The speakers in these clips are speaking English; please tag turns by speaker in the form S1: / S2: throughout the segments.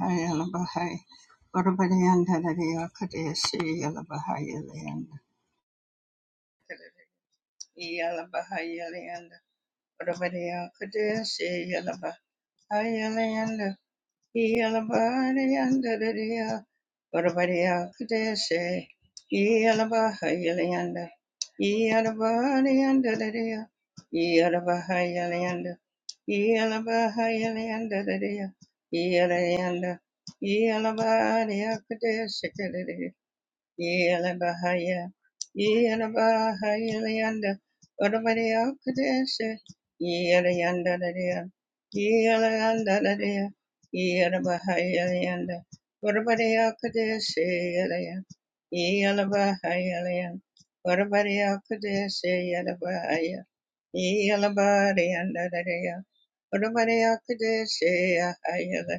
S1: Hayala Bahai. Yalabahay, Barabadayanda, Kadeshi, Yalabahay, Yalanda, Yalabahay, Yalanda, Barabadaya, Kadeshi, Bahai, Yalanda, Yalabariyandadadiya, Varabariyakudeshi, Yalabahayalayanda, Yalabariyandadadiya, Yalabahayalayanda, Yalabahayalayandadadiya, Yalayanda, Yalabariyakudeshikadadiya. Yela bahaya, Yelabahaya, Yelabahaya, Leander, Odabadea, Kadesha, Yelayanda, Dadea, Yelayanda, Dadea, Yelabahaya, Leander, Odabadea, Kadesha, Yelaya, Yelabahaya, Leander, Odabadea, Kadesha, Yelabahaya, Yelabahaya, Dadea, Odabadea, Kadesha,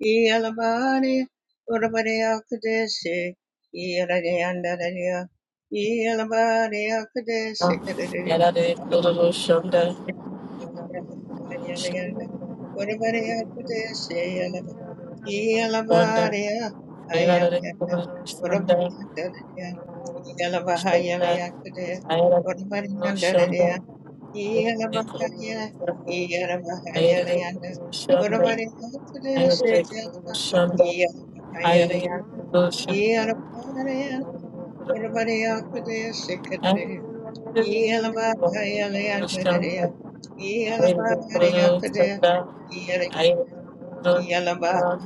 S1: Yalabari, Urabari Akadeshi, Yalari Andararia, Yalabari Akadeshi, Kadari,
S2: Yarare Dororo Shonda
S1: Yalayanda, Urabari Akadeshi,
S2: Shonda
S1: Yalabari,
S2: Yarare
S1: Ayalayanda,
S2: Dororo
S1: Urabari
S2: Shonda
S1: Andararia, Yalabaha
S2: Shonda
S1: Yalayakade,
S2: Ayarare
S1: Urabari
S2: Dororo Shonda
S1: Andalaria, yeah.
S2: Ayarare Dororo Shonda Ayarare Dororo Shonda Ayarare Dororo Shonda Ayarare Dororo Shonda Ayarare Dororo Shonda Ayarare Dororo Shonda Ayarare Kururu Shonda,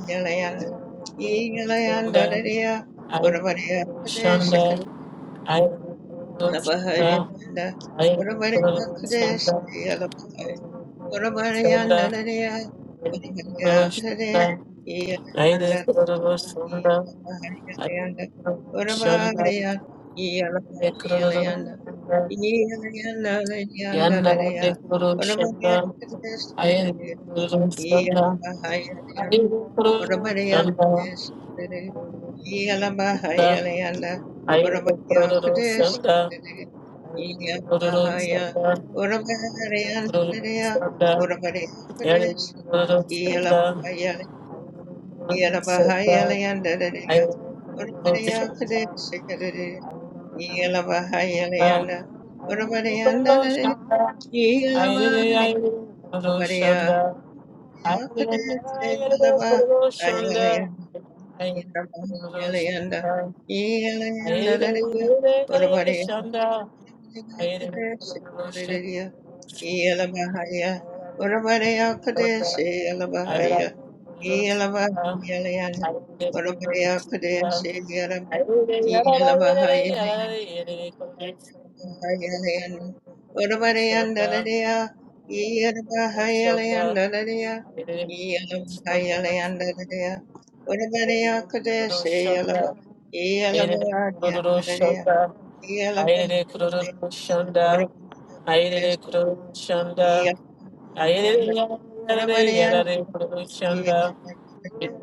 S2: Shonda, I will Shonda, I will Shonda, I will Shonda, Shonda,
S1: Orabariyandalaya,
S2: I will
S1: Oriyagandalaya,
S2: Shonda, I will
S1: Iyakandalaya,
S2: Shonda, I
S1: Iyalapariyanda,
S2: will
S1: Orabariya,
S2: Shonda, I
S1: Iyalapariyanda,
S2: Shonda, Yanda
S1: Iyalayandalayandalaya,
S2: de Kuru Shonda, I
S1: Orabariyandalaya,
S2: will Shonda, I
S1: Iyalapariyanda,
S2: will Shonda,
S1: Orabariya, Yalabahayalanda, Urabaya Kadesh,
S2: I will
S1: Yalabahaya,
S2: Shonda, Shanda,
S1: Urabaharayandaya, Urabaya Kadesh, Yalabahaya, Yalabahayalayanda, Urabaya Kadesh, Yalabahayalayanda, Urabayanda, Yalabahaya, Urabaya Kadesh, Yalabahayalayanda, Yalabahaya,
S2: I um, I get um, I will get yada
S1: Bahayalayanda. Udabarayandadadaya. Iyadabahayalayandadadaya.
S2: I didn't
S1: Iyadabahayalayandadadaya.
S2: do
S1: Udabarayakadeshe yalaba.
S2: Shunda, I didn't do
S1: Iyalabahayalayandadadaya.
S2: shunda. I didn't do
S1: Iyalabahayalayandadadaya.
S2: shunda. I didn't
S1: Udabarayakadeshe
S2: do shunda. I
S1: iyalabahayalayanda.
S2: didn't yada
S1: Udabarayanda-
S2: yada yada
S1: Iyalabahayalayanda.
S2: shunda.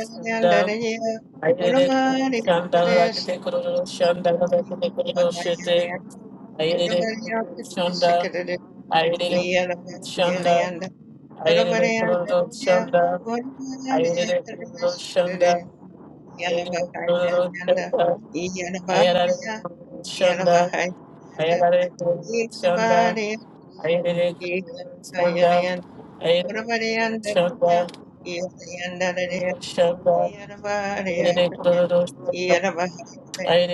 S2: Shanda, ayere kuru shanda la
S1: Udabarayakadeshe
S2: kete kuru shanda la kete kuru shete,
S1: bahayalayanda.
S2: ayere kuru shanda,
S1: Udabarayakadeshe kadadaya.
S2: ayere
S1: Yada
S2: kuru shanda,
S1: Bahayalayan
S2: ayere kuru
S1: Yeah.
S2: shanda, ayere kuru shanda, ayere kuru shanda, ayere kuru shanda, ayere kuru shanda, ayere kuru shanda, ayere kuru shanda, ayere kuru shanda, ayere kuru shanda. I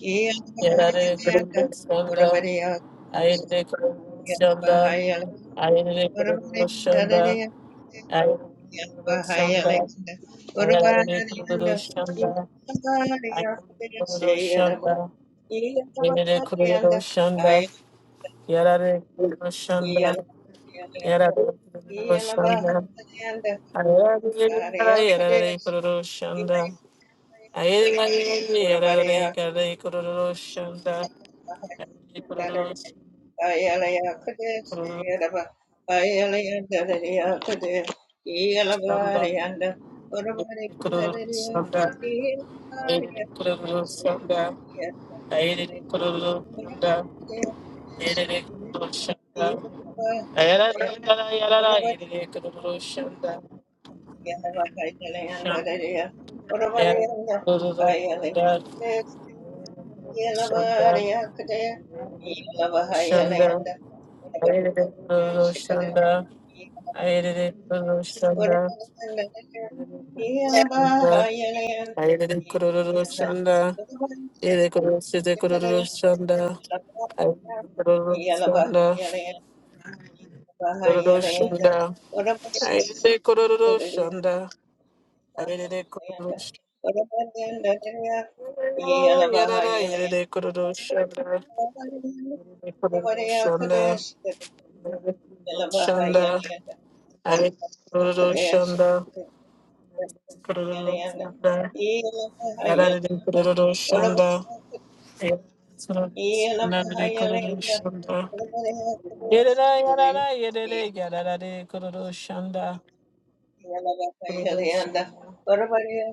S1: Yeah.
S2: Shanda, Yarare Shanda, Yara Roshanda. I Yada Roshanda. I Yada Roshanda.
S1: Yeah.
S2: Roshanda. Roshanda. Roshanda. Shanda. I did it Shanda. Ayere Lulu Shanda. Shanda. Ayere Kururu Shanda. Ayere Kururu Shite Kururu Shanda. Ayere Kururu Shanda. Kururu Shanda. Ayere Kururu Shanda. Ayere Kururu Shanda. Yarara Ayere Kururu Shanda. Ayere Kururu Shanda.
S1: Yeah.
S2: Ayere Kururu
S1: Yelanda,
S2: Shanda. Ayere Kururu Shanda. Kururu Shanda, Yarare kururu shanda kana kuti kururu shanda. Kururu Shanda, Yarare Kururu Shanda, Yarare Kururu Shanda, Yarare Kururu Shanda, Kururu Shanda,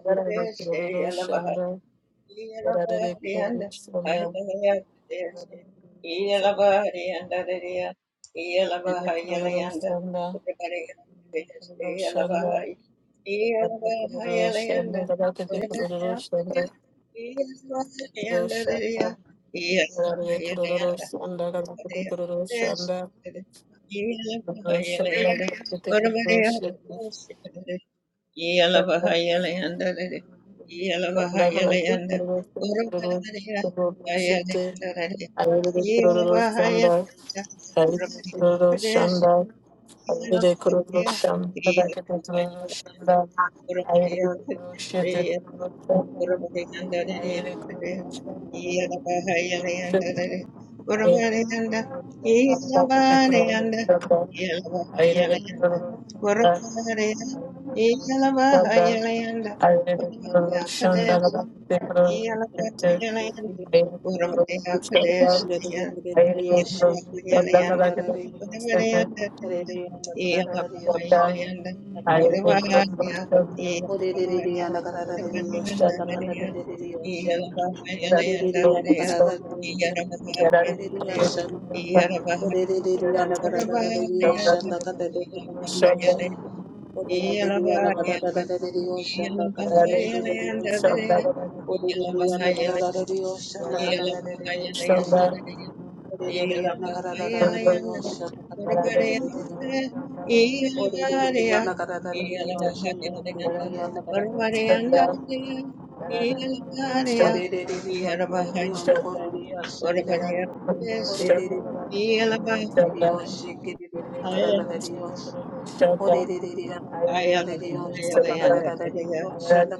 S2: Yarare Kururu Shanda,
S1: Yes.
S2: Yarare Kururu Shanda, Kururu Shanda, Yarare Kururu Shanda, Yarare Kururu Shanda, Shanda,
S1: Yeah. Yellow,
S2: Bada ayere
S3: Oshanda
S2: kuru şandala bakte kuru kete
S1: Yelabayanda
S2: ayere kuru
S1: Urabaya
S2: şandala
S1: Kadeshaya
S2: ayere kuru şandala
S1: Yelabayanda
S2: kadar kadar kuru sete
S1: Urabayanda
S2: bada
S1: Yelabayanda
S2: ayere kuru
S1: Urabaya
S2: şandala
S1: Yelabaya
S2: kuru
S1: Urabayanda
S2: şandala
S1: Nadea Yelabayanda
S2: yarar kuru
S1: Nadea
S2: şandala yarar
S1: Yelabaya
S2: kuru
S1: Kadea
S2: şandala
S1: Yelabaya
S2: yarar kuru
S1: Urabayanda
S2: şandala kuru şandala yarar
S1: Yelabayanda
S2: kuru şandala
S1: Yelabayanda Yelabayanda
S2: kadar
S1: Nadea yeah.
S2: kuru
S3: Dios,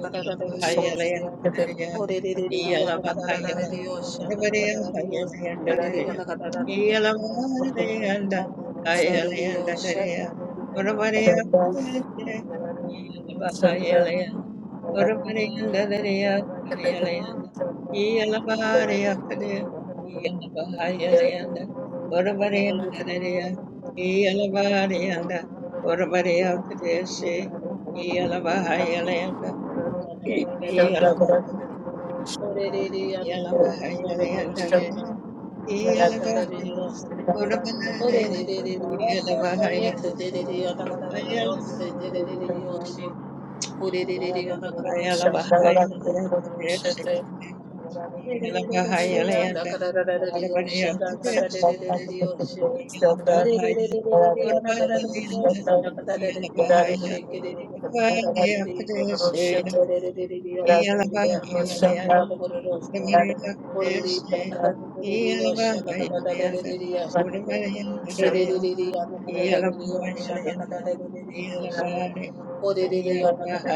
S1: Yalabari
S2: Shut up. Thank you. Thank
S3: Ore
S1: and Orabari Akadesi, Yalabahayalanda, yeah.
S2: you.
S3: Shanda
S2: Shut
S1: Yeah.
S2: up. Thank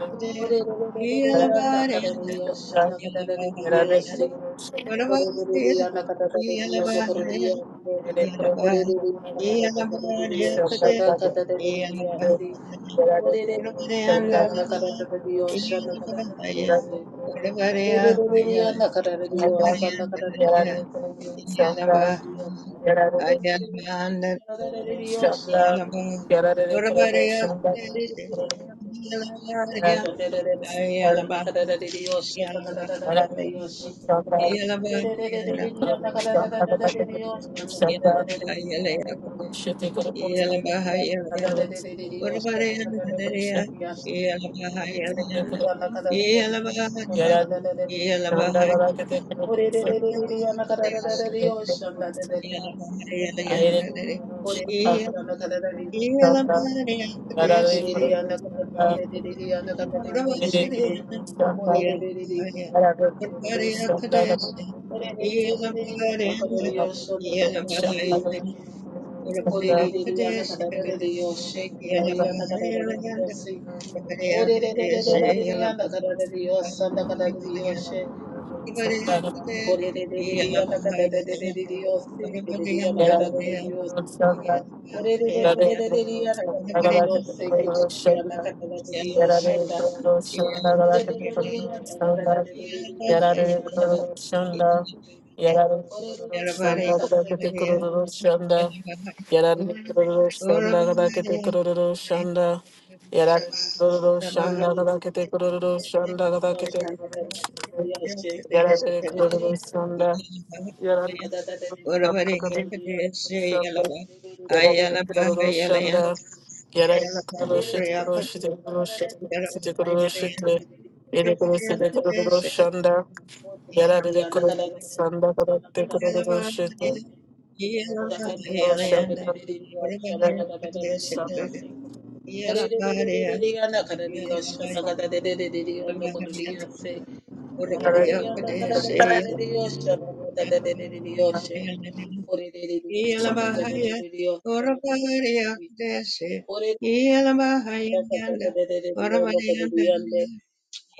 S2: you. Shanda,
S3: Orereriya nakatarereriya nokoreriya ndo. Orereriya nakatarereriya shanda katarereriya si.
S1: Yeah.
S3: Orereriya nakatarereriya shanda katarereriya si. Orereriya nakatarereriya sanda katarereriya si. Orereriya shanda katarereriya. Orereriya shanda katarereriya shanda
S2: Shaka,
S3: katarereriya si. Ore
S1: Yeah.
S3: Orererere yanda karararere yoshe, kerere yanda karararere yose. Orererererere yanda karararere yose, yanda karararere yoshe. Korerererere yanda karararere yose, kerere yanda karararere yose. Orererererere yanda karararere yose, kerere yanda karararere yoshe, yanda. Orererererere yanda karararere yoshe, yanda
S1: Yeah.
S3: karararere.
S2: Shanda, Yarare kururu
S3: Orererererere
S2: shanda
S3: yanda
S2: gada kete
S3: karararere yoshe, yanda
S2: kururu
S3: karararere.
S2: shanda. Yarare kururu shanda gada kete kururu shanda gada kete kururu
S3: Ore
S2: shanda. Yarare kururu shanda. Yarare kururu shanda
S1: Uravari
S2: gada.
S1: Padesi
S2: Shanda,
S1: Yalava
S2: Yarabbi
S1: Ayalava
S2: Kururu
S1: Yalayan
S2: Shanda, Yarabbi
S1: Yalava
S2: Kururu Shiti Kururu
S1: Rayapat
S2: Shiti Kururu
S1: Yarava
S2: Shiti Kururu Kururu
S1: Hayalayan
S2: Shiti, Yere Kururu
S1: Uravari
S2: Kururu
S1: Padesi
S2: Shanda, Yarabbi
S1: Yalava
S2: Kururu
S1: Yalayan
S2: Shanda, Yarabbi Kururu Shiti, Yarabbi
S1: Yalava
S2: Kururu Shanda, Yarabbi Kururu
S1: Hayalayan
S2: Shanda,
S1: Uravari Padesi Yalava
S2: Kururu
S1: Yalava Hayalayan
S2: Shanda,
S1: Uravari
S3: Ore
S1: Padesi Yalava Yalabahaya Urabariya Desi Yalabahaya Yanda Urabayanda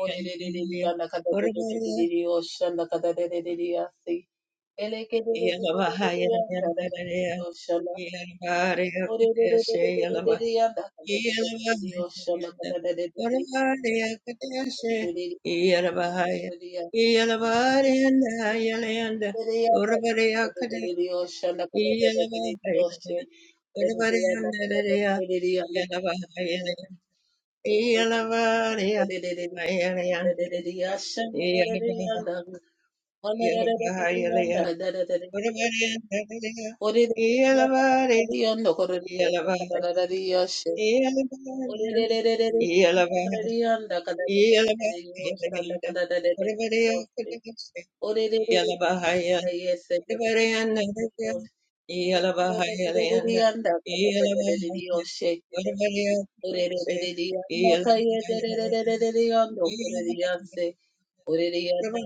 S1: Yalabahaya Urabariya Yalabahaya Yanda Yalabariya Desi Yalabahaya Yanda Urabariya Desi Yalabahaya Yalabariya Yanda
S3: Yes,
S1: Urabariya Desi Yalabahaya Yalavariyandalariya, yalavahayalayam, yalavariyam, hayalayandalariya, yalavah- yalavahayalayam, yalavariyandalariya, yalavariyam, yalavahayam, yalavariyam, yalavah- yalavahayalayanda, yalavariyakudavishe, yalavahayam, yalavariyandalariya,
S3: ore
S1: yalavahayalayanda, yalavahayam, Yeah. Ora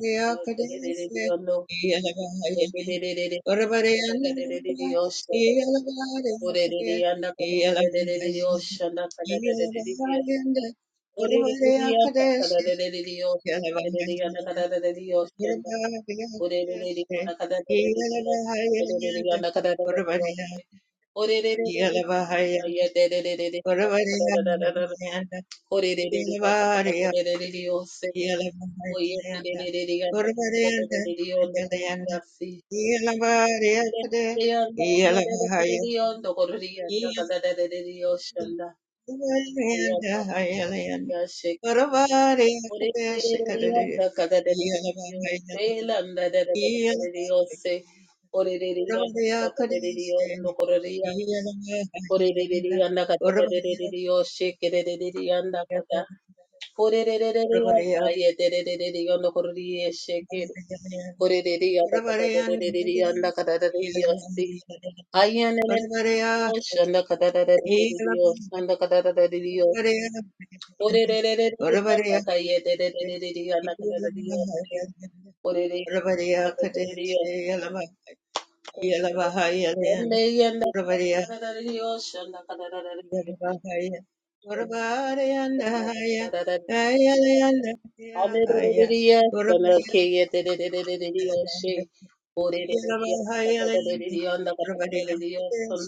S3: Ore
S1: bariya, ora bariya, ora bariya, Yelabariyanda, Urvariyanda, Yelabariyanda, Yelabariyakade, Yelabahaya, Yelabariyanda, Urvariyanda, Hayalayanda, Urvariyakade, Shikadade, Yelabahaya, Yelabahaya, Urvariyakade, Shikadade,
S3: Ore re re re
S1: Yelabahaya,
S3: yanda kata re re re re re
S1: Urvariyakade,
S3: yo shake re re re re yanda kata. Ore re re re re yanda yedererere yondo korori
S1: Urvariyakade,
S3: re re re yanda kata re ye shake. Ore re re yanda kata re
S1: Yalabahaya,
S3: dererere yoshe. Ayenene
S1: Yalabahaya,
S3: yoshe yanda kata re re re dererere yoshe yanda kata re re re dererere yoshe. Orererere yanda kata re re re re yo see. Ore re re re re re yanda kata ye re re dererere yoshe. re re yanda kata re yoshe. Yanda yanda kata re re re yoshe yanda kata re re re
S1: Yalabahaya,
S3: yoshe. Hallelujah. Hallelujah. Hallelujah. She. Hallelujah. Hallelujah. Hallelujah. Son.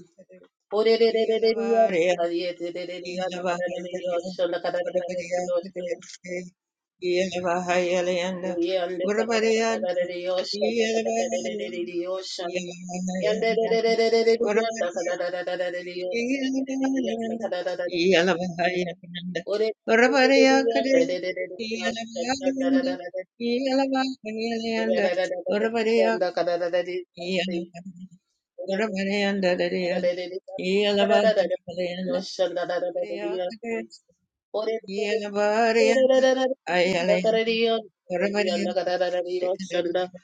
S3: Hallelujah.
S1: Yeah.
S3: Hallelujah. Hallelujah. Son. Hallelujah. Son. Yende. Hallelujah. Son. Hallelujah. Son. Yende. Yosha,
S1: Yelabariyanda, Ayalayanda, Orabariyanda, Shikadadadada,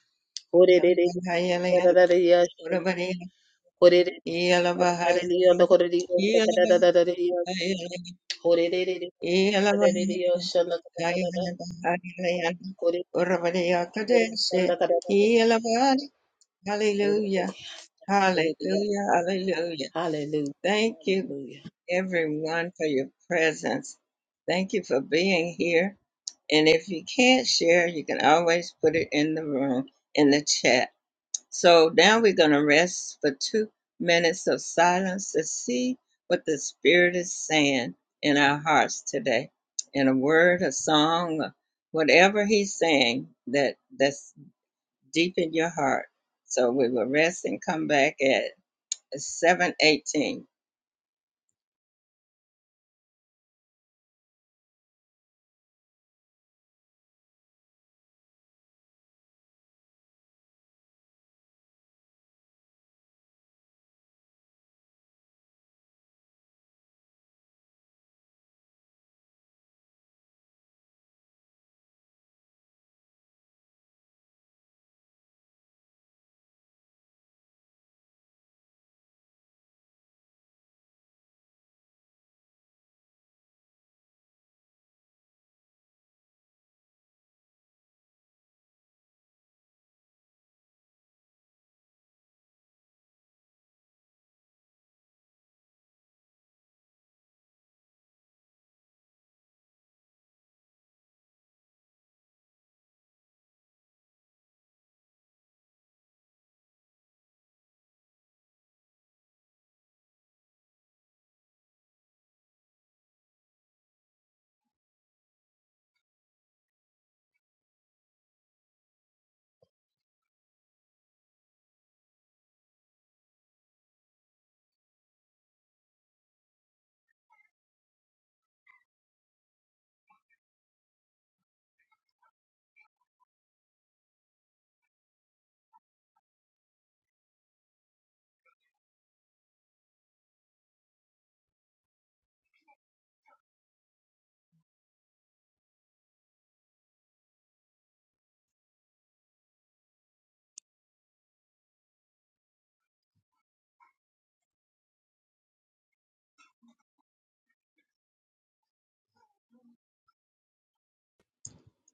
S1: Yelabahayalayanda, Orabariyanda, Yelabahayalayanda, Yelabahayalayanda, Yelabahayalayanda, Hayalabahayalayanda, Orabariyakadeshe, Yelabari. Hallelujah, hallelujah, hallelujah.
S3: Hallelujah.
S1: Thank you,
S3: Hallelujah.
S1: everyone, for your presence. Thank you for being here. And if you can't share, you can always put it in the room in the chat. So now we're going to rest for two minutes of silence to see what the Spirit is saying in our hearts today. In a word, a song, whatever He's saying that that's deep in your heart. So we will rest and come back at 7:18.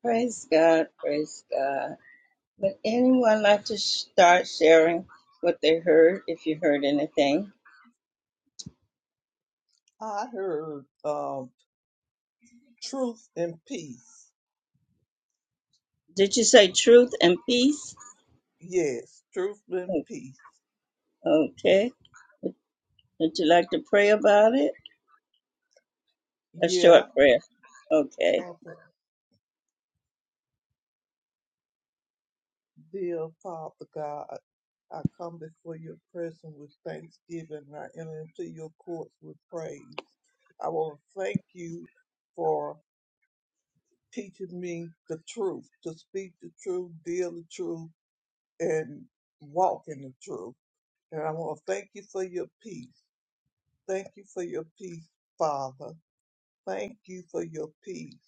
S1: Praise God! Praise God! Would anyone like to start sharing what they heard, if you heard anything?
S4: I heard um, truth and peace.
S1: Did you say truth and peace?
S4: Yes, truth and
S1: O-
S4: peace.
S1: Okay. Would would you like to pray about it? A
S4: Yeah.
S1: short prayer. Okay.
S4: Father, dear Father God, I come before your presence with thanksgiving. and I enter into your courts with praise. I want to thank you for teaching me the truth, to speak the truth, deal the truth, and walk in the truth. And I want to thank you for your peace. Thank you for your peace, Father. Thank you for your peace.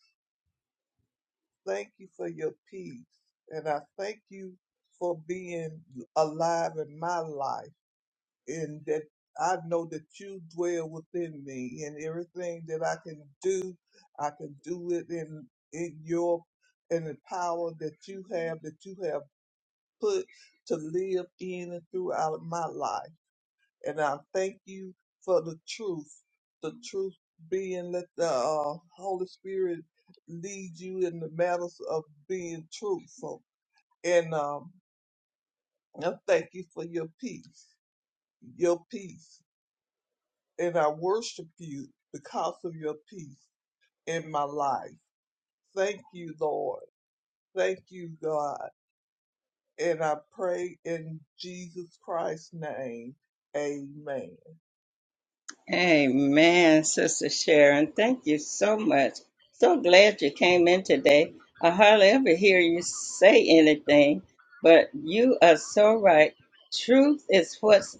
S4: Thank you for your peace. And I thank you for being alive in my life and that I know that you dwell within me and everything that I can do, I can do it in in your in the power that you have that you have put to live in and throughout my life. And I thank you for the truth, the truth being let the uh, Holy Spirit lead you in the matters of being truthful. And um, I thank you for your peace, your peace. And I worship you because of your peace in my life. Thank you, Lord. Thank you, God. And I pray in Jesus Christ's name. Amen.
S1: Amen, Sister Sharon. Thank you so much. So glad you came in today. I hardly ever hear you say anything, but you are so right. Truth is what's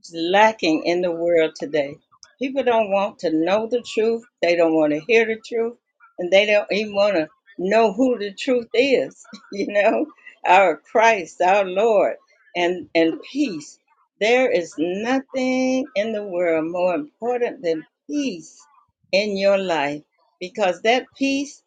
S1: It's lacking in the world today. People don't want to know the truth, they don't want to hear the truth, and they don't even want to know who the truth is, you know, our Christ, our Lord, and and peace. There is nothing in the world more important than peace in your life because that peace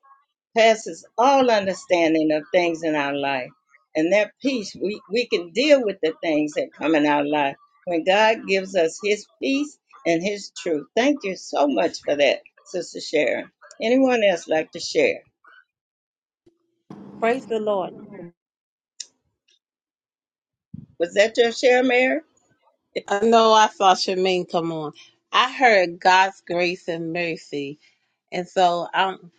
S1: passes all understanding of things in our life. And that peace, we, we can deal with the things that come in our life when God gives us his peace and his truth. Thank you so much for that, Sister Sharon. Anyone else like to share?
S3: Praise the Lord.
S1: Was that your share, Mary?
S3: I know I saw Shemaine come on. I heard God's grace and mercy. And so I'm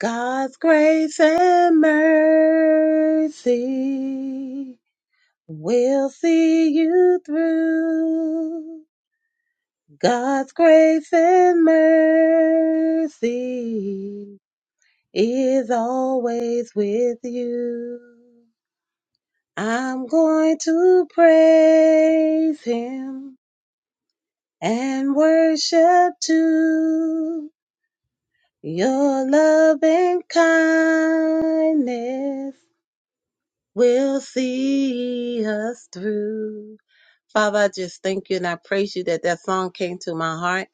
S3: God's grace and mercy will see you through. God's grace and mercy is always with you. I'm going to praise him and worship too. Your love and kindness will see us through. Father, I just thank you and I praise you that that song came to my heart.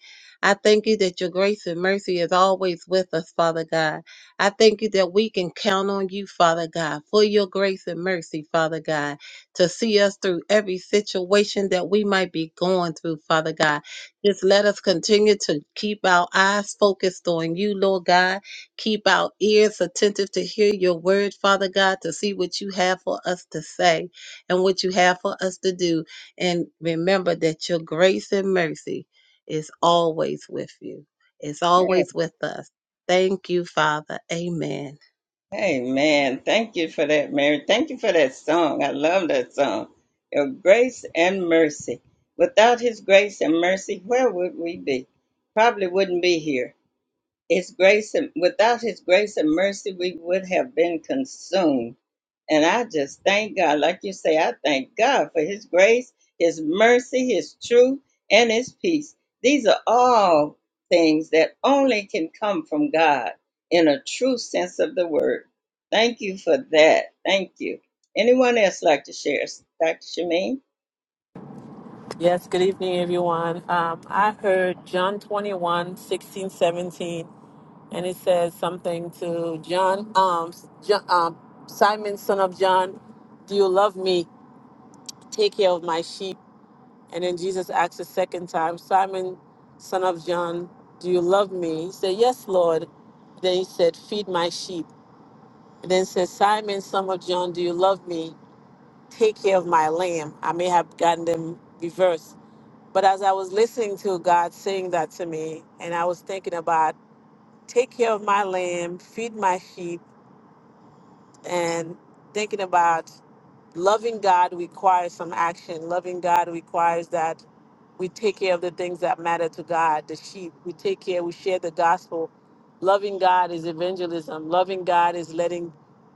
S3: I thank you that your grace and mercy is always with us, Father God. I thank you that we can count on you, Father God, for your grace and mercy, Father God, to see us through every situation that we might be going through, Father God. Just let us continue to keep our eyes focused on you, Lord God. Keep our ears attentive to hear your word, Father God, to see what you have for us to say and what you have for us to do. And remember that your grace and mercy is always with you, it's always with us. Thank you, Father. Amen.
S1: Hey man, thank you for that, Mary. Thank you for that song. I love that song. Your grace and mercy. Without his grace and mercy, where would we be? Probably wouldn't be here His grace and without his grace and mercy, we would have been consumed. And I just thank God, like you say, I thank God for his grace, his mercy, his truth, and his peace. These are all things that only can come from God in a true sense of the word. Thank you for that. Thank you. Anyone else like to share? Dr. Shemaine?
S2: Yes, good evening, everyone. Um, I heard John 21, 16, 17. and it says something to John, um, John, um, Simon, son of John, do you love me? Take care of my sheep. And then Jesus asks a second time, Simon, son of John, do you love me? He said, Yes, Lord. Then he said, Feed my sheep. And then says, Simon, son of John, do you love me? Take care of my lamb. I may have gotten them reversed. But as I was listening to God saying that to me, and I was thinking about, Take care of my lamb, feed my sheep, and thinking about loving God requires some action. Loving God requires that we take care of the things that matter to God, the sheep. We take care, we share the gospel. Loving God is evangelism. Loving God is letting,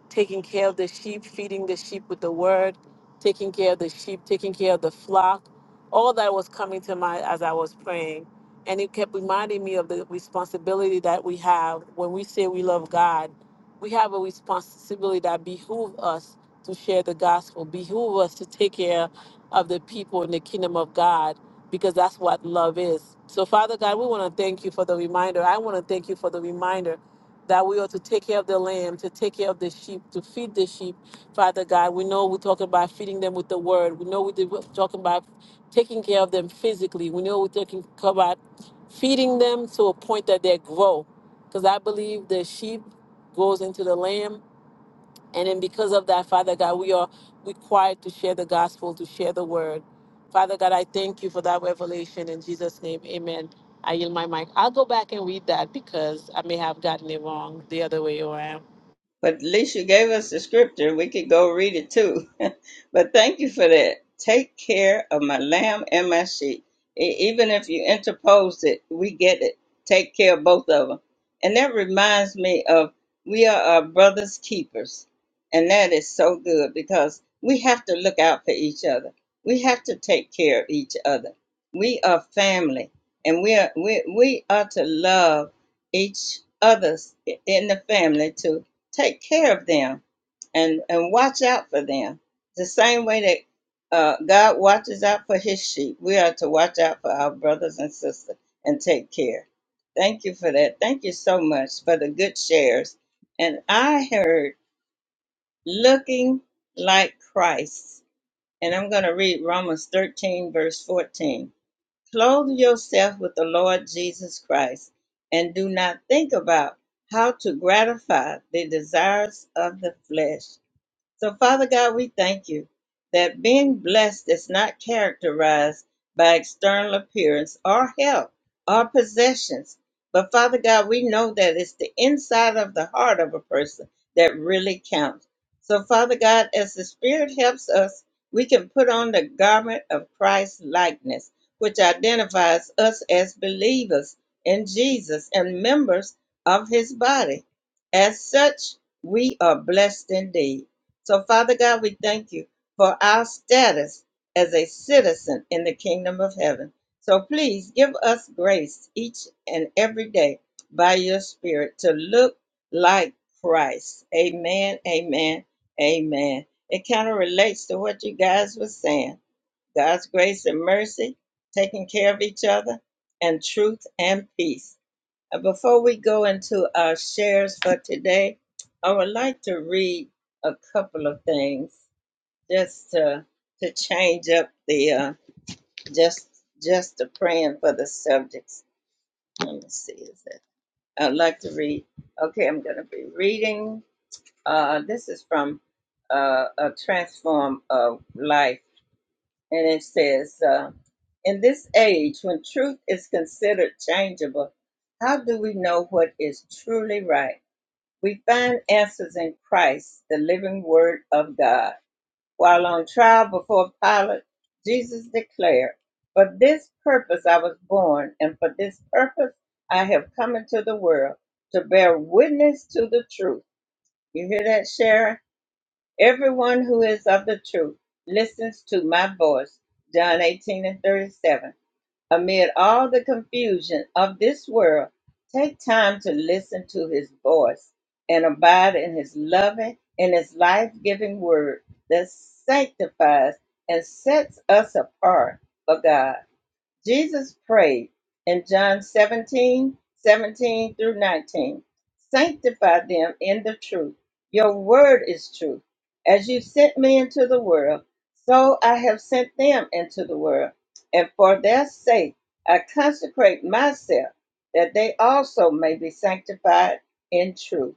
S2: taking care of the sheep, feeding the sheep with the word, taking care of the sheep, taking care of the flock. All that was coming to mind as I was praying. And it kept reminding me of the responsibility that we have when we say we love God. We have a responsibility that behooves us to share the gospel. Behoove us to take care of the people in the kingdom of God because that's what love is. So, Father God, we want to thank you for the reminder. I want to thank you for the reminder that we are to take care of the lamb, to take care of the sheep, to feed the sheep. Father God, we know we're talking about feeding them with the word. We know we're talking about taking care of them physically. We know we're talking about feeding them to a point that they grow. Because I believe the sheep goes into the lamb and then because of that, Father God, we are required to share the gospel, to share the word. Father God, I thank you for that revelation in Jesus' name. Amen. I yield my mic. I'll go back and read that because I may have gotten it wrong the other way around.
S1: But at least you gave us the scripture. We could go read it too. but thank you for that. Take care of my lamb and my sheep. E- even if you interposed it, we get it. Take care of both of them. And that reminds me of we are our brother's keepers. And that is so good because we have to look out for each other. We have to take care of each other. We are family and we are, we, we are to love each others in the family too take care of them and and watch out for them the same way that uh, god watches out for his sheep we are to watch out for our brothers and sisters and take care thank you for that thank you so much for the good shares and i heard looking like christ and i'm going to read romans 13 verse 14 Clothe yourself with the Lord Jesus Christ and do not think about how to gratify the desires of the flesh. So, Father God, we thank you that being blessed is not characterized by external appearance or health or possessions. But, Father God, we know that it's the inside of the heart of a person that really counts. So, Father God, as the Spirit helps us, we can put on the garment of Christ's likeness, which identifies us as believers in Jesus and members of his body. As such, we are blessed indeed. So, Father God, we thank you for our status as a citizen in the kingdom of heaven. So, please give us grace each and every day by your Spirit to look like Christ. Amen, amen, amen. It kind of relates to what you guys were saying God's grace and mercy, taking care of each other, and truth and peace. Uh, Before we go into our shares for today, I would like to read a couple of things just to to change up the uh, just just the praying for the subjects. Let me see, is it? I'd like to read. Okay, I'm going to be reading. Uh, this is from uh, a transform of life, and it says, uh, "In this age when truth is considered changeable, how do we know what is truly right?" We find answers in Christ, the living Word of God. While on trial before Pilate, Jesus declared, For this purpose I was born, and for this purpose I have come into the world, to bear witness to the truth. You hear that, Sharon? Everyone who is of the truth listens to my voice. John 18 and 37. Amid all the confusion of this world, take time to listen to his voice and abide in his loving and his life giving word that sanctifies and sets us apart for God. Jesus prayed in John 17, 17 through 19. Sanctify them in the truth. Your word is truth. As you sent me into the world, so I have sent them into the world. And for their sake, I consecrate myself, that they also may be sanctified in truth.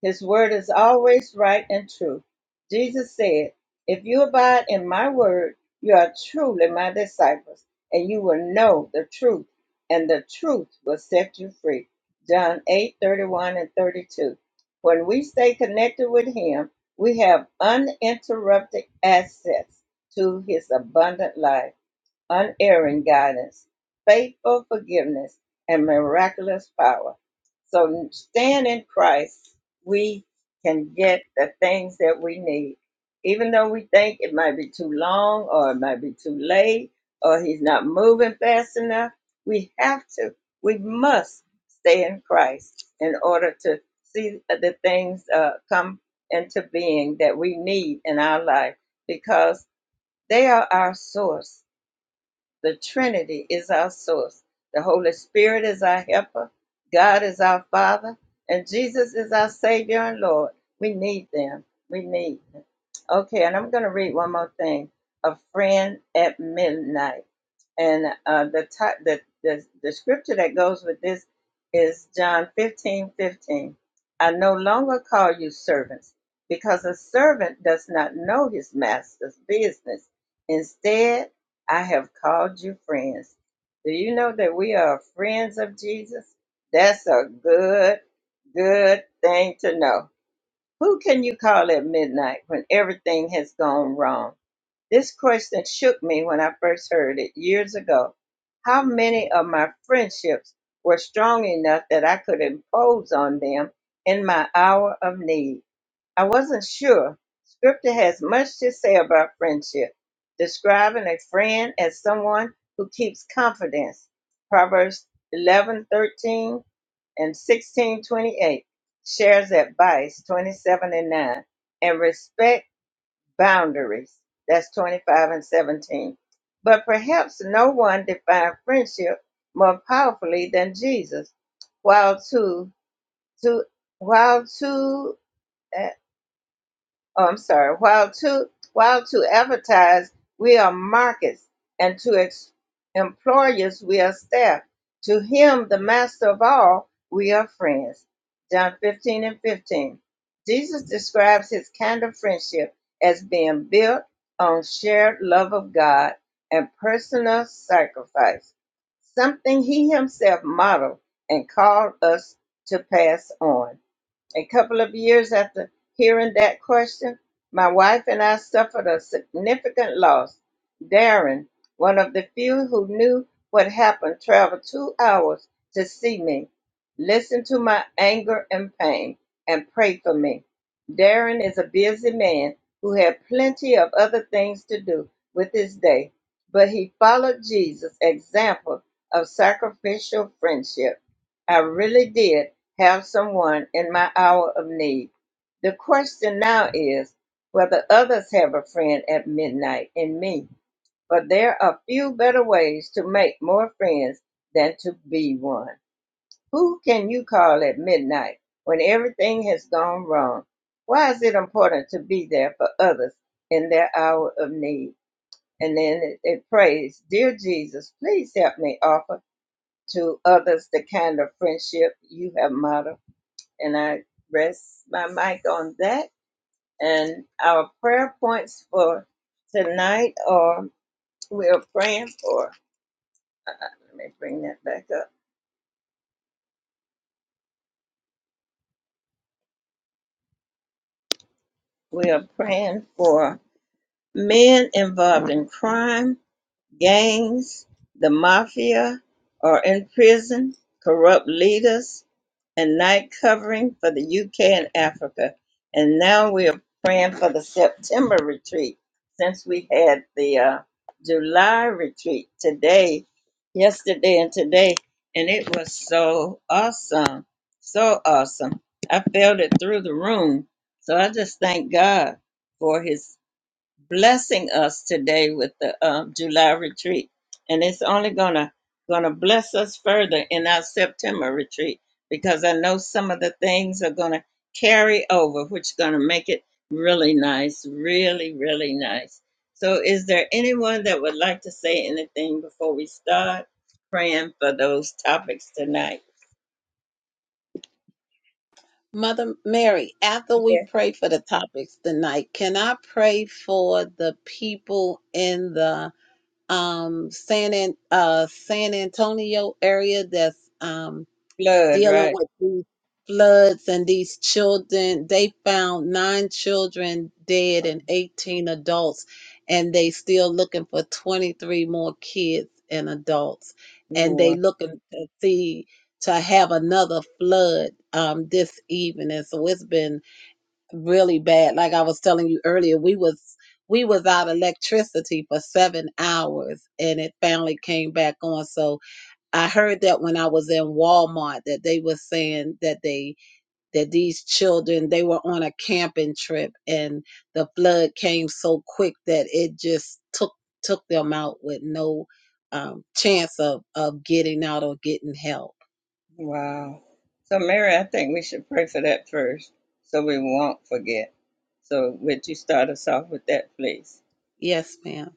S1: His word is always right and true. Jesus said, If you abide in my word, you are truly my disciples and you will know the truth, and the truth will set you free. John 8:31 and 32. When we stay connected with Him, we have uninterrupted access to His abundant life unerring guidance, faithful forgiveness, and miraculous power. So stand in Christ, we can get the things that we need. Even though we think it might be too long or it might be too late or he's not moving fast enough, we have to, we must stay in Christ in order to see the things uh, come into being that we need in our life because they are our source the Trinity is our source. The Holy Spirit is our helper. God is our Father. And Jesus is our Savior and Lord. We need them. We need them. Okay, and I'm going to read one more thing. A friend at midnight, and uh, the, ti- the the the scripture that goes with this is John 15 15. I no longer call you servants, because a servant does not know his master's business. Instead, I have called you friends. Do you know that we are friends of Jesus? That's a good, good thing to know who can you call at midnight when everything has gone wrong? This question shook me when I first heard it years ago. How many of my friendships were strong enough that I could impose on them in my hour of need? I wasn't sure. Scripture has much to say about friendship, describing a friend as someone who keeps confidence. Proverbs eleven thirteen and 1628 shares advice 27 and 9 and respect boundaries that's 25 and 17 but perhaps no one defined friendship more powerfully than jesus while to to while to uh, oh, I'm sorry, while to while to advertise we are markets, and to ex- employers we are staff. To him, the master of all, we are friends. John 15 and 15. Jesus describes his kind of friendship as being built on shared love of God and personal sacrifice, something he himself modeled and called us to pass on. A couple of years after hearing that question, my wife and I suffered a significant loss. Darren, one of the few who knew what happened, traveled two hours to see me, listen to my anger and pain, and pray for me. Darren is a busy man who had plenty of other things to do with his day, but he followed Jesus' example of sacrificial friendship I really did have someone in my hour of need. The question now is whether others have a friend at midnight in me. But there are few better ways to make more friends than to be one. Who can you call at midnight when everything has gone wrong? Why is it important to be there for others in their hour of need? And then it, it prays, Dear Jesus, please help me offer to others the kind of friendship you have modeled. And I rest my mic on that. And our prayer points for tonight are we are praying for, let me bring that back up. We are praying for men involved in crime, gangs, the mafia, or in prison, corrupt leaders, and night covering for the UK and Africa. And now we are praying for the September retreat since we had the uh, July retreat today, yesterday, and today. And it was so awesome. So awesome. I felt it through the room. So I just thank God for his blessing us today with the um, July retreat, and it's only gonna gonna bless us further in our September retreat because I know some of the things are gonna carry over, which is gonna make it really nice, really really nice. So, is there anyone that would like to say anything before we start praying for those topics tonight?
S3: Mother Mary, after we
S1: Yeah,
S3: pray for the topics tonight, can I pray for the people in the um San An- uh San Antonio area that's um
S1: blood,
S3: dealing
S1: right?
S3: with these floods and these children. They found nine children dead and 18 adults, and they still looking for 23 more kids and adults. And they looking to see to have another flood um, this evening. So it's been really bad. Like I was telling you earlier, we was we was out of electricity for seven hours and it finally came back on. So I heard that when I was in Walmart that they were saying that they that these children they were on a camping trip and the flood came so quick that it just took took them out with no um, chance of of getting out or getting help
S1: Wow. So, Mary, I think we should pray for that first so we won't forget. So, would you start us off with that, please?
S3: Yes, ma'am.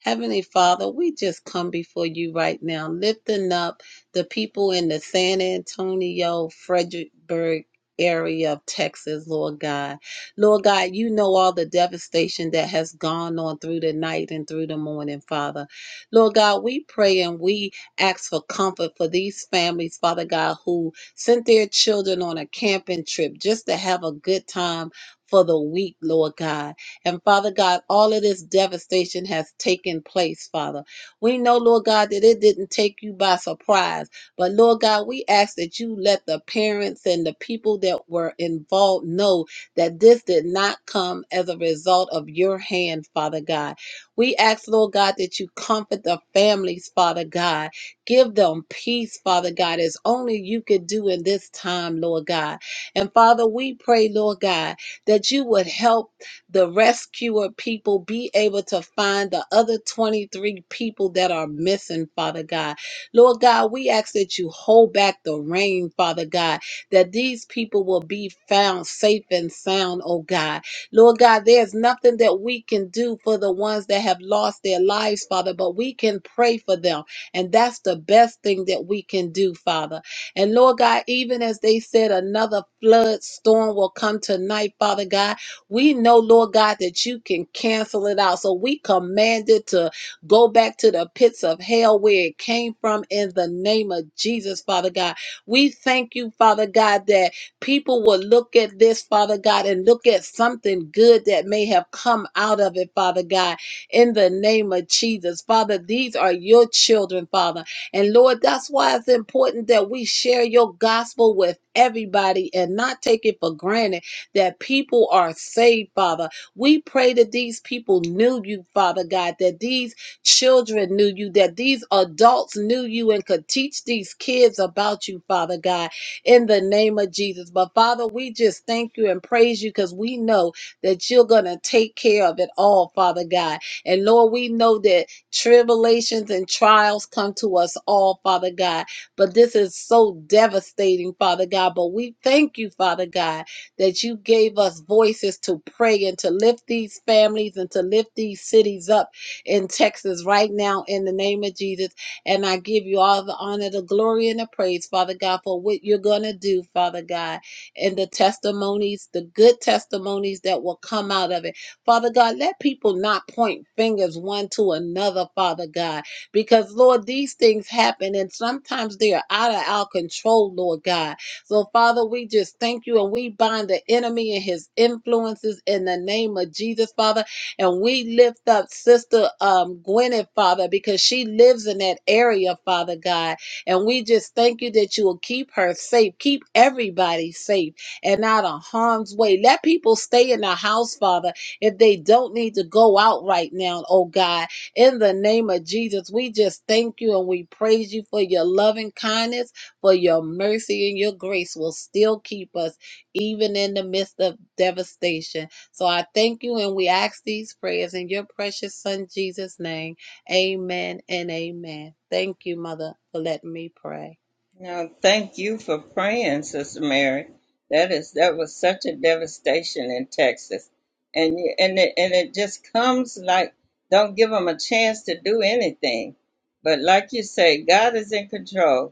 S3: Heavenly Father, we just come before you right now, lifting up the people in the San Antonio, Frederickburg area of Texas, Lord God. Lord God, you know all the devastation that has gone on through the night and through the morning, Father. Lord God, we pray and we ask for comfort for these families, Father God, who sent their children on a camping trip just to have a good time for the week, Lord God. And Father God, all of this devastation has taken place, Father. We know, Lord God, that it didn't take you by surprise. But Lord God, we ask that you let the parents and the people that were involved know that this did not come as a result of your hand, Father God. We ask, Lord God, that you comfort the families, Father God. Give them peace, Father God, as only you could do in this time, Lord God. And Father, we pray, Lord God, that you would help the rescuer people be able to find the other 23 people that are missing, Father God. Lord God, we ask that you hold back the rain, Father God, that these people will be found safe and sound, oh God. Lord God, there's nothing that we can do for the ones that have lost their lives, Father, but we can pray for them. And that's the best thing that we can do, Father. And Lord God, even as they said, another flood storm will come tonight, Father God. We know, Lord God, that you can cancel it out. So we command it to go back to the pits of hell where it came from in the name of Jesus, Father God. We thank you, Father God, that people will look at this, Father God, and look at something good that may have come out of it, Father God, in the name of Jesus. Father, these are your children, Father. And Lord, that's why it's important that we share your gospel with everybody and not take it for granted that people are saved, Father. We pray that these people knew you, Father God, that these children knew you, that these adults knew you and could teach these kids about you, Father God, in the name of Jesus. But Father, we just thank you and praise you because we know that you're going to take care of it all, Father God. And Lord, we know that tribulations and trials come to us all, Father God. But this is so devastating, Father God. But we thank you, Father God that you gave us voices to pray and to lift these families and to lift these cities up in Texas right now in the name of Jesus. And I give you all the honor, the glory, and the praise, Father God, for what you're going to do, Father God, and the testimonies, the good testimonies that will come out of it. Father God, let people not point fingers one to another, Father God, because, Lord, these things happen and sometimes they are out of our control, Lord God. So, Father, we just thank you and we bind the enemy and his influences in the name of Jesus, Father. And we lift up Sister um, Gwyneth, Father, because she lives in that area, Father God. And we just thank you that you will keep her safe, keep everybody safe and out of harm's way. Let people stay in the house, Father, if they don't need to go out right now, oh God. In the name of Jesus, we just thank you and we praise you for your loving kindness for your mercy and your grace will still keep us even in the midst of devastation. So I thank you and we ask these prayers in your precious son Jesus' name. Amen and amen. Thank you, Mother, for letting me pray.
S1: Now, thank you for praying, Sister Mary. That is that was such a devastation in Texas, and you, and it, and it just comes like don't give them a chance to do anything. But like you say, God is in control,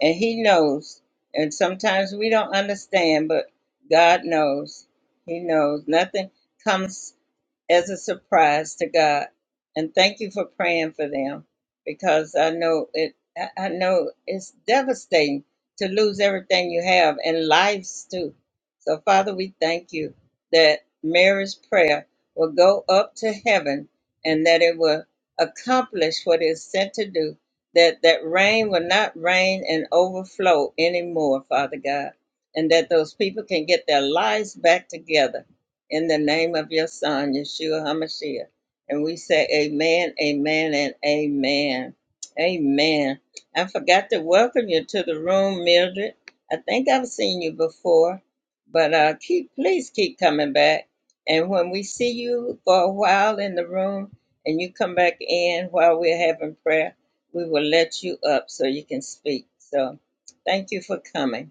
S1: and he knows and sometimes we don't understand but god knows he knows nothing comes as a surprise to God. And thank you for praying for them because I know it I know it's devastating to lose everything you have and lives too. So Father, we thank you that Mary's prayer will go up to heaven and that it will accomplish what it is sent to do. That that rain will not rain and overflow anymore, Father God. And that those people can get their lives back together in the name of your son, Yeshua HaMashiach. And we say amen, amen, and amen. Amen. I forgot to welcome you to the room, Mildred. I think I've seen you before, but uh, keep please keep coming back. And when we see you for a while in the room and you come back in while we're having prayer, we will let you up so you can speak. So thank you for coming.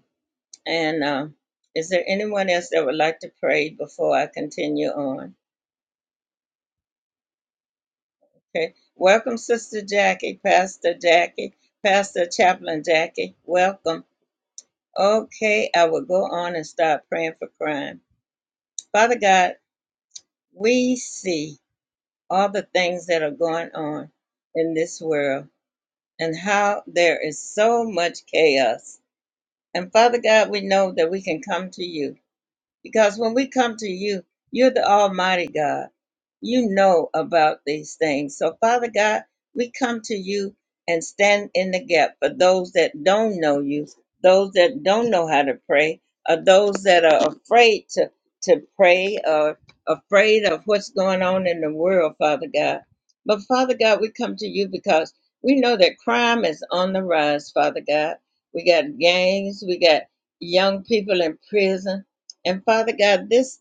S1: And um, is there anyone else that would like to pray before I continue on? Okay. Welcome, Sister Jackie, Pastor Jackie, Pastor Chaplain Jackie. Welcome. Okay, I will go on and start praying for crime. Father God, we see all the things that are going on in this world and how there is so much chaos. And Father God, we know that we can come to you Because when we come to you, you're the Almighty God. You know about these things. So, Father God, we come to you and stand in the gap for those that don't know you, those that don't know how to pray, or those that are afraid to, to pray or afraid of what's going on in the world, Father God. But, Father God, we come to you because we know that crime is on the rise, Father God. We got gangs, we got young people in prison and Father God, this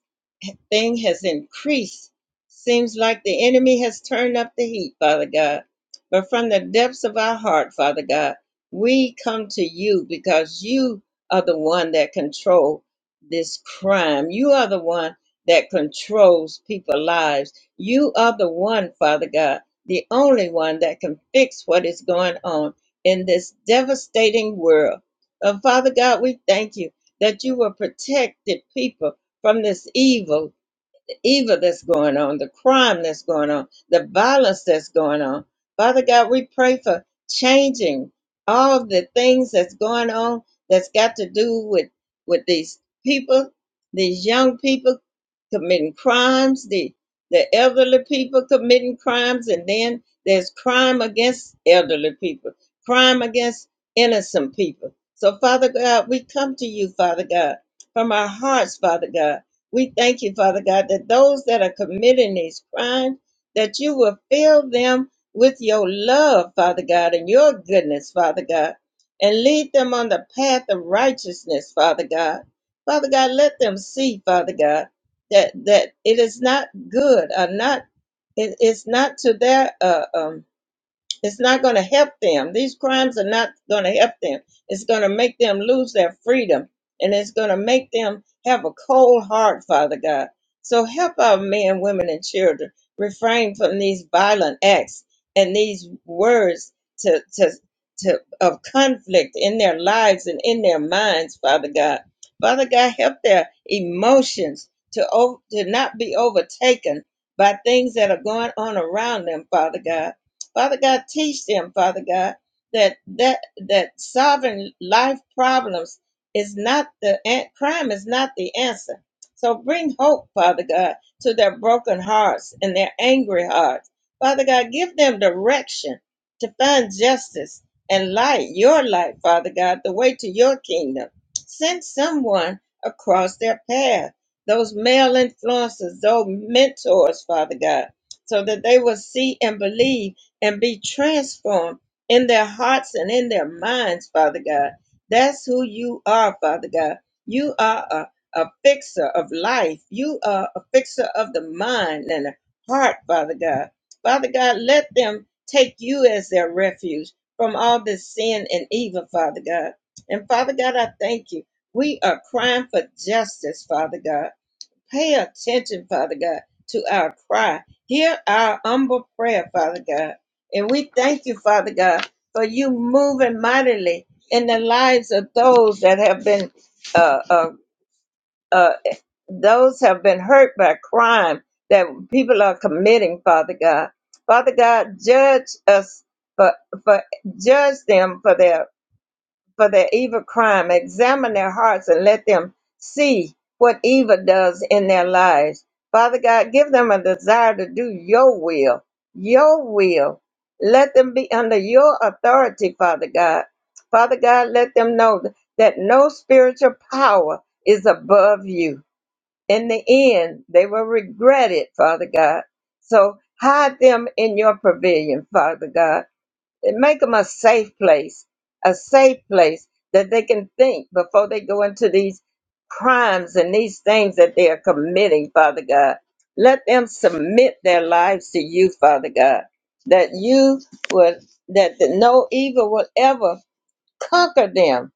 S1: thing has increased. Seems like the enemy has turned up the heat, Father God. But from the depths of our heart, Father God, we come to you because you are the one that control this crime. You are the one that controls people's lives. You are the one, Father God, the only one that can fix what is going on in this devastating world. Uh, Father God, we thank you that you will protect the people from this evil evil that's going on, the crime that's going on, the violence that's going on. Father God, we pray for changing all of the things that's going on that's got to do with with these people, these young people committing crimes, the the elderly people committing crimes, and then there's crime against elderly people, crime against innocent people. So, Father God, we come to you, Father God, from our hearts, Father God we thank you, Father God, that those that are committing these crimes, that you will fill them with your love, Father God, and your goodness, Father God, and lead them on the path of righteousness, Father God. Father God, let them see, Father God, that that it is not good or not it, it's not to their uh, um it's not going to help them. These crimes are not going to help them. It's going to make them lose their freedom and it's going to make them have a cold heart, Father God. So help our men, women, and children refrain from these violent acts and these words to, to, to, of conflict in their lives and in their minds, Father God. Father God, help their emotions to, o- to not be overtaken by things that are going on around them, Father God Father God, teach them, Father God, that that that solving life problems is not the an- crime is not the answer. So bring hope, Father God, to their broken hearts and their angry hearts. Father God, give them direction to find justice and light, your light, Father God, the way to your kingdom. Send someone across their path, those male influences, those mentors, Father God, so that they will see and believe and be transformed in their hearts and in their minds, Father God. That's who you are, Father God. You are a, a fixer of life. You are a fixer of the mind and the heart, Father God. Father God, let them take you as their refuge from all this sin and evil, Father God. And Father God, I thank you. We are crying for justice, Father God. Pay attention, Father God, to our cry. Hear our humble prayer, Father God. And we thank you, Father God, for you moving mightily in the lives of those that have been uh, uh, uh, those have been hurt by crime that people are committing, Father God. Father God, judge us for, for judge them for their for their evil crime. Examine their hearts and let them see what evil does in their lives. Father God, give them a desire to do your will, your will. Let them be under your authority, Father God. Father God, let them know that no spiritual power is above you. In the end, they will regret it, Father God. So hide them in your pavilion, Father God and make them a safe place, a safe place that they can think before they go into these crimes and these things that they are committing, Father God. Let them submit their lives to you, Father God, that you would, that the, no evil will ever conquer them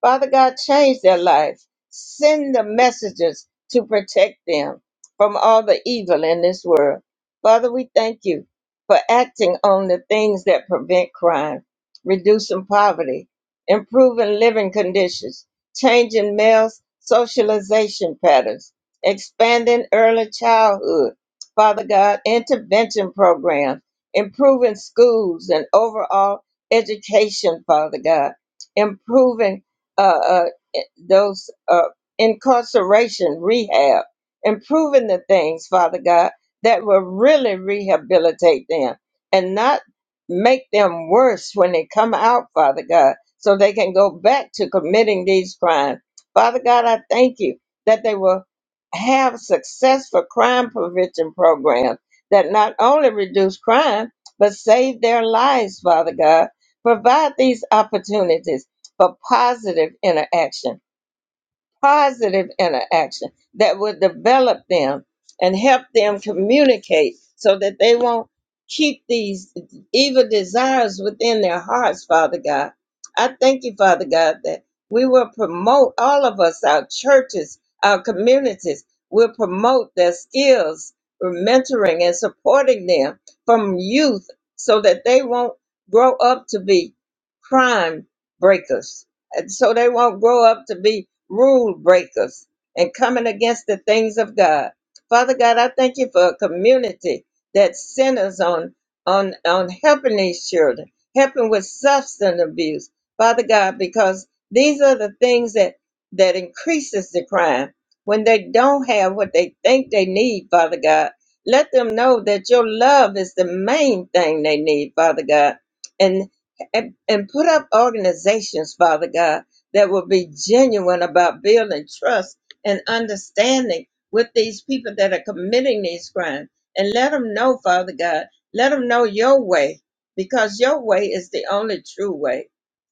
S1: Father God, change their lives. Send the messages to protect them from all the evil in this world. Father, we thank you for acting on the things that prevent crime, reducing poverty, improving living conditions, changing males' socialization patterns, expanding early childhood. Father God, intervention programs, improving schools and overall education, Father God, improving uh, uh, eh, those uh, incarceration rehab, improving the things, Father God, that will really rehabilitate them and not make them worse when they come out, Father God, so they can go back to committing these crimes. Father God, I thank you that they will have successful crime prevention programs that not only reduce crime, but save their lives, Father God. Provide these opportunities but positive interaction, positive interaction that will develop them and help them communicate so that they won't keep these evil desires within their hearts, Father God. I thank you, Father God, that we will promote all of us, our churches, our communities, will promote their skills, mentoring and supporting them from youth so that they won't grow up to be crime breakers and so they won't grow up to be rule breakers and coming against the things of God. Father God, I thank you for a community that centers on on on helping these children, helping with substance abuse, Father God, because these are the things that that increases the crime when they don't have what they think they need, Father God. Let them know that your love is the main thing they need, Father God. and and, and put up organizations, Father God, that will be genuine about building trust and understanding with these people that are committing these crimes. And let them know, Father God, let them know your way, because your way is the only true way.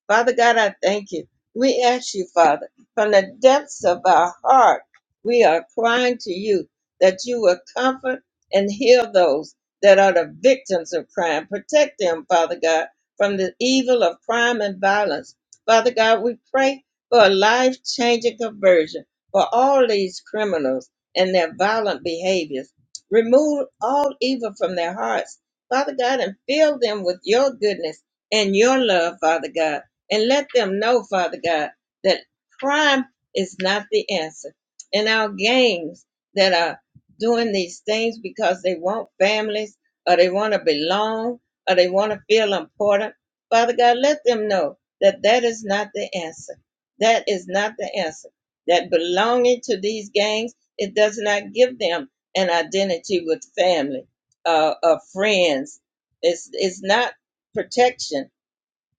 S1: Father God, I thank you. We ask you, Father, from the depths of our heart, we are crying to you that you will comfort and heal those that are the victims of crime. Protect them, Father God from the evil of crime and violence. Father God, we pray for a life changing conversion for all these criminals and their violent behaviors. Remove all evil from their hearts, Father God, and fill them with your goodness and your love, Father God. And let them know, Father God, that crime is not the answer. And our gangs that are doing these things because they want families or they want to belong or they want to feel important. Father God, let them know that that is not the answer. That is not the answer. That belonging to these gangs, it does not give them an identity with family, uh, or friends. It's, it's not protection.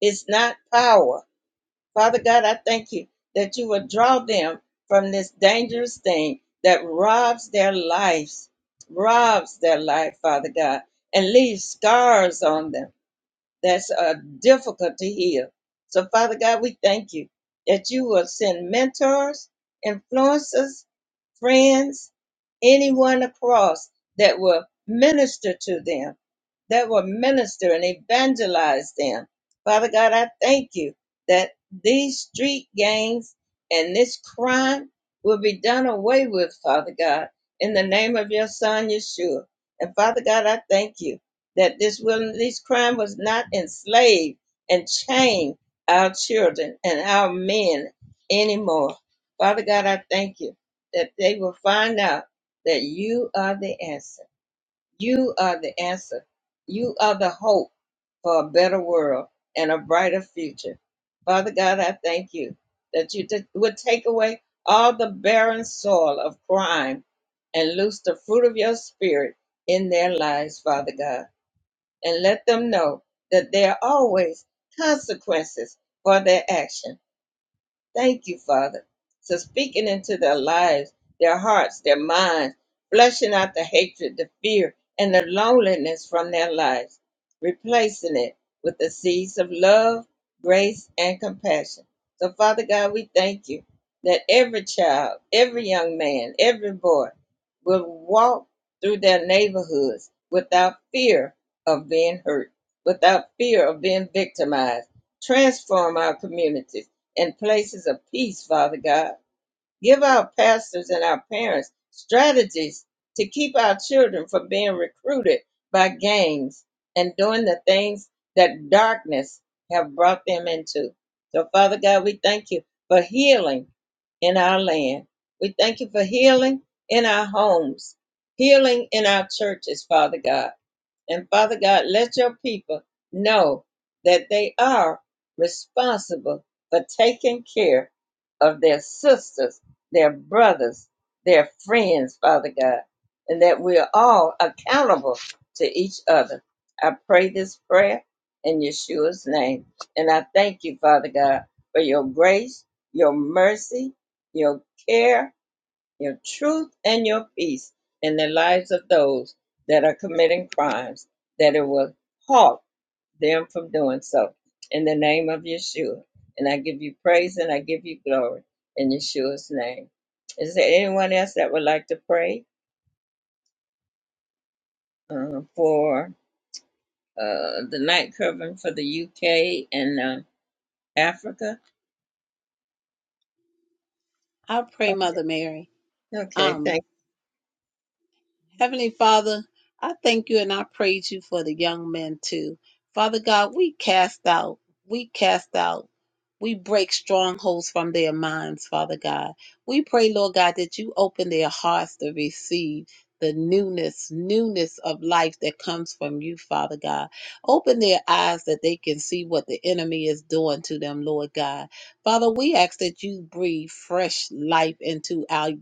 S1: It's not power. Father God, I thank you that you will draw them from this dangerous thing that robs their lives, robs their life, Father God, and leaves scars on them that's uh, difficult to heal. So, Father God, we thank you that you will send mentors, influencers, friends, anyone across that will minister to them, that will minister and evangelize them. Father God, I thank you that these street gangs and this crime will be done away with, Father God, in the name of your Son, Yeshua. And Father God, I thank you that this wilderness crime was not enslaved and chained our children and our men anymore. Father God, I thank you that they will find out that you are the answer. You are the answer. You are the hope for a better world and a brighter future. Father God, I thank you that you did- would take away all the barren soil of crime and loose the fruit of your spirit in their lives, Father God and let them know that there are always consequences for their actions. Thank you, Father. for speaking into their lives, their hearts, their minds, flushing out the hatred, the fear, and the loneliness from their lives, replacing it with the seeds of love, grace, and compassion. So, Father God, we thank you that every child, every young man, every boy will walk through their neighborhoods without fear of being hurt, without fear of being victimized. Transform our communities and places of peace, Father God. Give our pastors and our parents strategies to keep our children from being recruited by gangs and doing the things that darkness have brought them into. So, Father God, we thank you for healing in our land. We thank you for healing in our homes, healing in our churches, Father God and Father God, let your people know that they are responsible for taking care of their sisters, their brothers, their friends, Father God, and that we are all accountable to each other. I pray this prayer in Yeshua's name. And I thank you, Father God, for your grace, your mercy, your care, your truth and your peace in the lives of those that are committing crimes, that it will halt them from doing so. In the name of Yeshua. And I give you praise and I give you glory in Yeshua's name. Is there anyone else that would like to pray uh, for uh, the night covering for the UK and uh, Africa?
S3: I pray, Mother Mary.
S1: Okay,
S3: Um.
S1: thank
S3: Heavenly Father, I thank you and I praise you for the young men too. Father God, we cast out, we cast out, we break strongholds from their minds, Father God. We pray, Lord God, that you open their hearts to receive the newness, newness of life that comes from you, Father God. Open their eyes that they can see what the enemy is doing to them, Lord God. Father, we ask that you breathe fresh life into our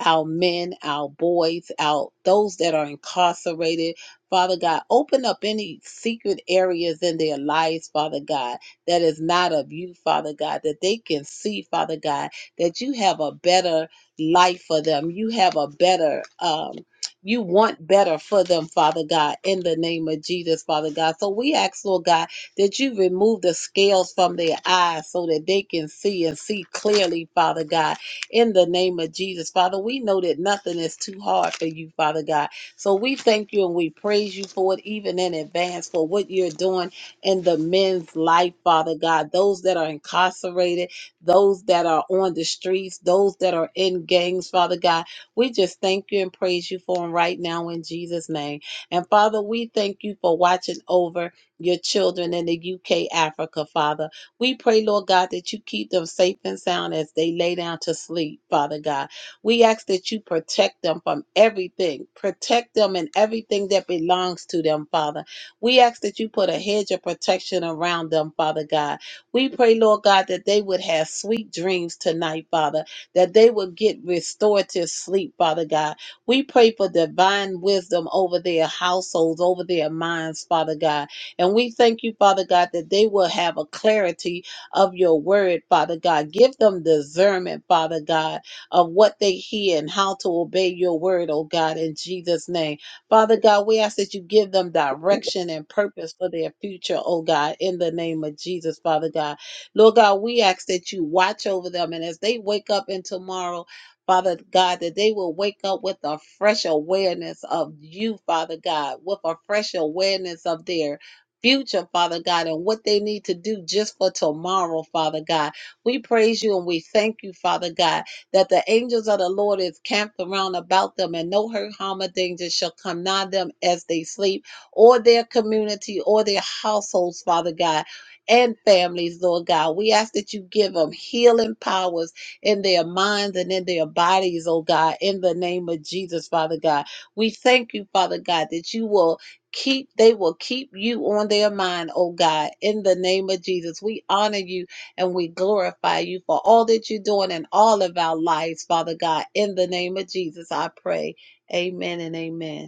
S3: our men, our boys, our those that are incarcerated. Father God, open up any secret areas in their lives, Father God, that is not of you, Father God, that they can see, Father God, that you have a better life for them. You have a better um you want better for them, Father God, in the name of Jesus, Father God. So we ask, Lord God, that you remove the scales from their eyes so that they can see and see clearly, Father God, in the name of Jesus. Father, we know that nothing is too hard for you, Father God. So we thank you and we praise you for it, even in advance, for what you're doing in the men's life, Father God. Those that are incarcerated, those that are on the streets, those that are in gangs, Father God. We just thank you and praise you for them right now in Jesus' name. And Father, we thank you for watching over your children in the UK, Africa, Father. We pray, Lord God, that you keep them safe and sound as they lay down to sleep, Father God. We ask that you protect them from everything, protect them and everything that belongs to them, Father. We ask that you put a hedge of protection around them, Father God. We pray, Lord God, that they would have sweet dreams tonight, Father, that they would get restorative sleep, Father God. We pray for divine wisdom over their households, over their minds, Father God. And we thank you, Father God, that they will have a clarity of your word, Father God. Give them discernment, Father God, of what they hear and how to obey your word, oh God, in Jesus' name. Father God, we ask that you give them direction and purpose for their future, oh God, in the name of Jesus, Father God. Lord God, we ask that you watch over them and as they wake up in tomorrow, Father God, that they will wake up with a fresh awareness of you, Father God, with a fresh awareness of their future, Father God, and what they need to do just for tomorrow, Father God. We praise you and we thank you, Father God, that the angels of the Lord is camped around about them and no hurt, harm, or danger shall come nigh them as they sleep or their community or their households, Father God. And families, Lord God. We ask that you give them healing powers in their minds and in their bodies, oh God, in the name of Jesus, Father God. We thank you, Father God, that you will keep they will keep you on their mind oh god in the name of jesus we honor you and we glorify you for all that you're doing in all of our lives father god in the name of jesus i pray amen and amen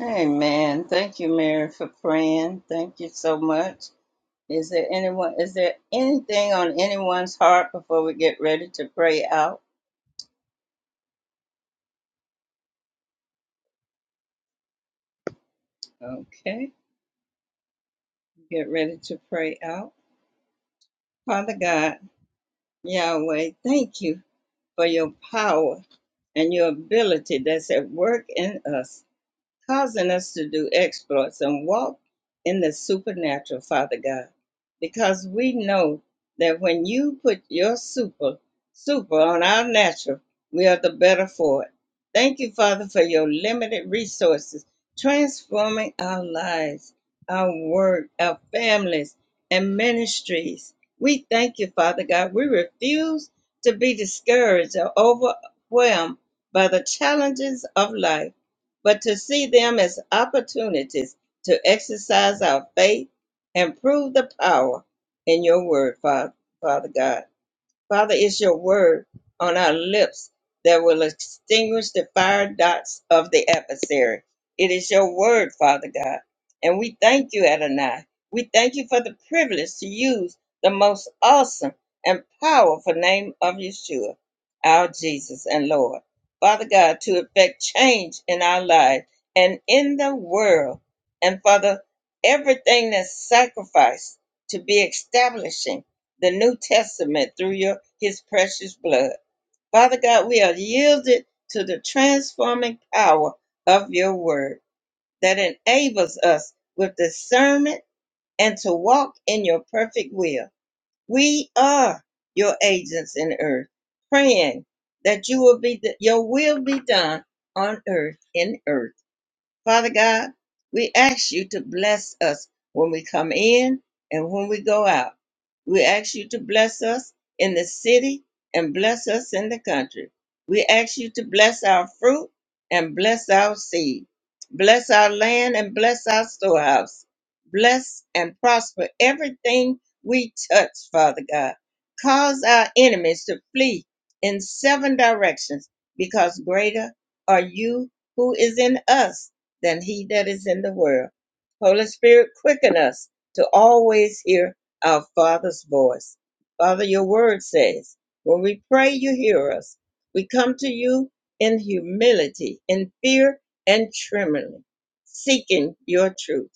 S1: Amen. Thank you, Mary, for praying. Thank you so much. Is there anyone? Is there anything on anyone's heart before we get ready to pray out? Okay, get ready to pray out. Father God, Yahweh, thank you for your power and your ability that's at work in us. causing us to do exploits and walk in the supernatural, Father God, because we know that when you put your super, super on our natural, we are the better for it. Thank you, Father, for your limited resources, transforming our lives, our work, our families, and ministries. We thank you, Father God. We refuse to be discouraged or overwhelmed by the challenges of life but to see them as opportunities to exercise our faith and prove the power in your word, Fa- Father God. Father, it's your word on our lips that will extinguish the fire dots of the adversary. It is your word, Father God. And we thank you, Adonai. We thank you for the privilege to use the most awesome and powerful name of Yeshua, our Jesus and Lord. Father God, to effect change in our lives and in the world. And Father, everything that's sacrificed to be establishing the New Testament through your his precious blood. Father God, we are yielded to the transforming power of your word that enables us with discernment and to walk in your perfect will. We are your agents in earth, praying that you will be your will be done on earth in earth Father God, we ask you to bless us when we come in and when we go out. We ask you to bless us in the city and bless us in the country. We ask you to bless our fruit and bless our seed. Bless our land and bless our storehouse. Bless and prosper everything we touch, Father God. Cause our enemies to flee in seven directions because greater are you who is in us than he that is in the world. Holy Spirit, quicken us to always hear our Father's voice. Father, your word says, when we pray, you hear us. We come to you in humility, in fear and trembling, seeking your truth.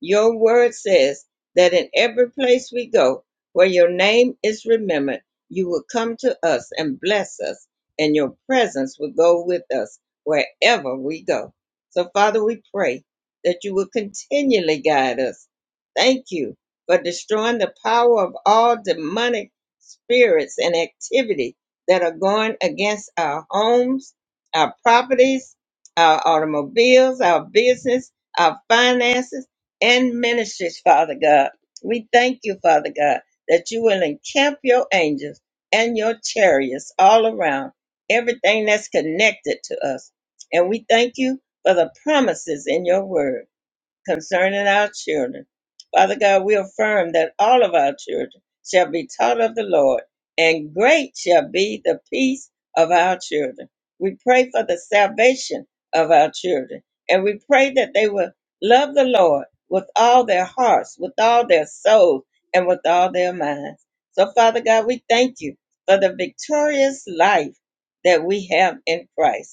S1: Your word says that in every place we go, where your name is remembered, you will come to us and bless us, and your presence will go with us wherever we go. So, Father, we pray that you will continually guide us. Thank you for destroying the power of all demonic spirits and activity that are going against our homes, our properties, our automobiles, our business, our finances, and ministries, Father God. We thank you, Father God, that you will encamp your angels and your chariots all around everything that's connected to us. And we thank you for the promises in your word concerning our children. Father God, we affirm that all of our children shall be taught of the Lord, and great shall be the peace of our children. We pray for the salvation of our children, and we pray that they will love the Lord with all their hearts, with all their souls, and with all their minds. So, Father God, we thank you for the victorious life that we have in Christ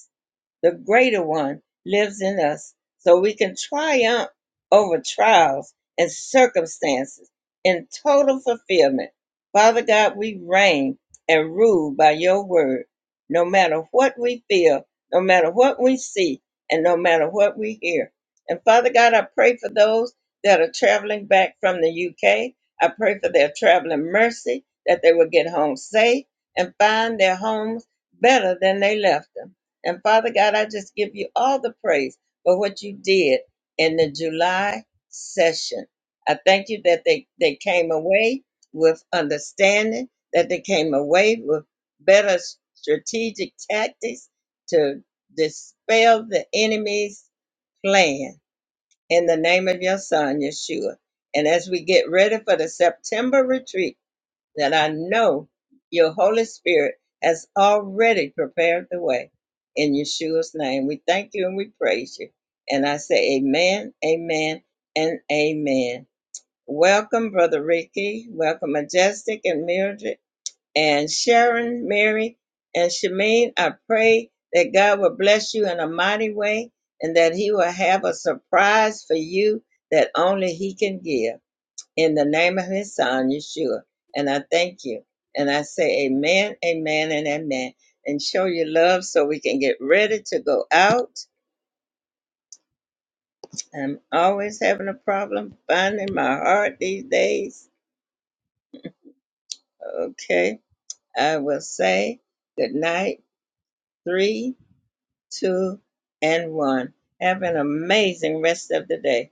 S1: the greater one lives in us so we can triumph over trials and circumstances in total fulfillment. Father God, we reign and rule by your word, no matter what we feel, no matter what we see, and no matter what we hear. And Father God, I pray for those that are traveling back from the UK. I pray for their traveling mercy, that they will get home safe and find their homes better than they left them. And Father God, I just give you all the praise for what you did in the July session. I thank you that they, they came away with understanding, that they came away with better strategic tactics to dispel the enemy's plan in the name of your son, Yeshua. And as we get ready for the September retreat, that I know your Holy Spirit has already prepared the way. In Yeshua's name, we thank you and we praise you. And I say, Amen, Amen, and Amen. Welcome, Brother Ricky. Welcome, Majestic and Mildred and Sharon, Mary, and Shameen. I pray that God will bless you in a mighty way and that He will have a surprise for you that only He can give in the name of his son, Yeshua. And I thank you. And I say amen, amen, and amen. And show your love so we can get ready to go out. I'm always having a problem finding my heart these days. Okay. I will say good night. Three, two, and one. Have an amazing rest of the day.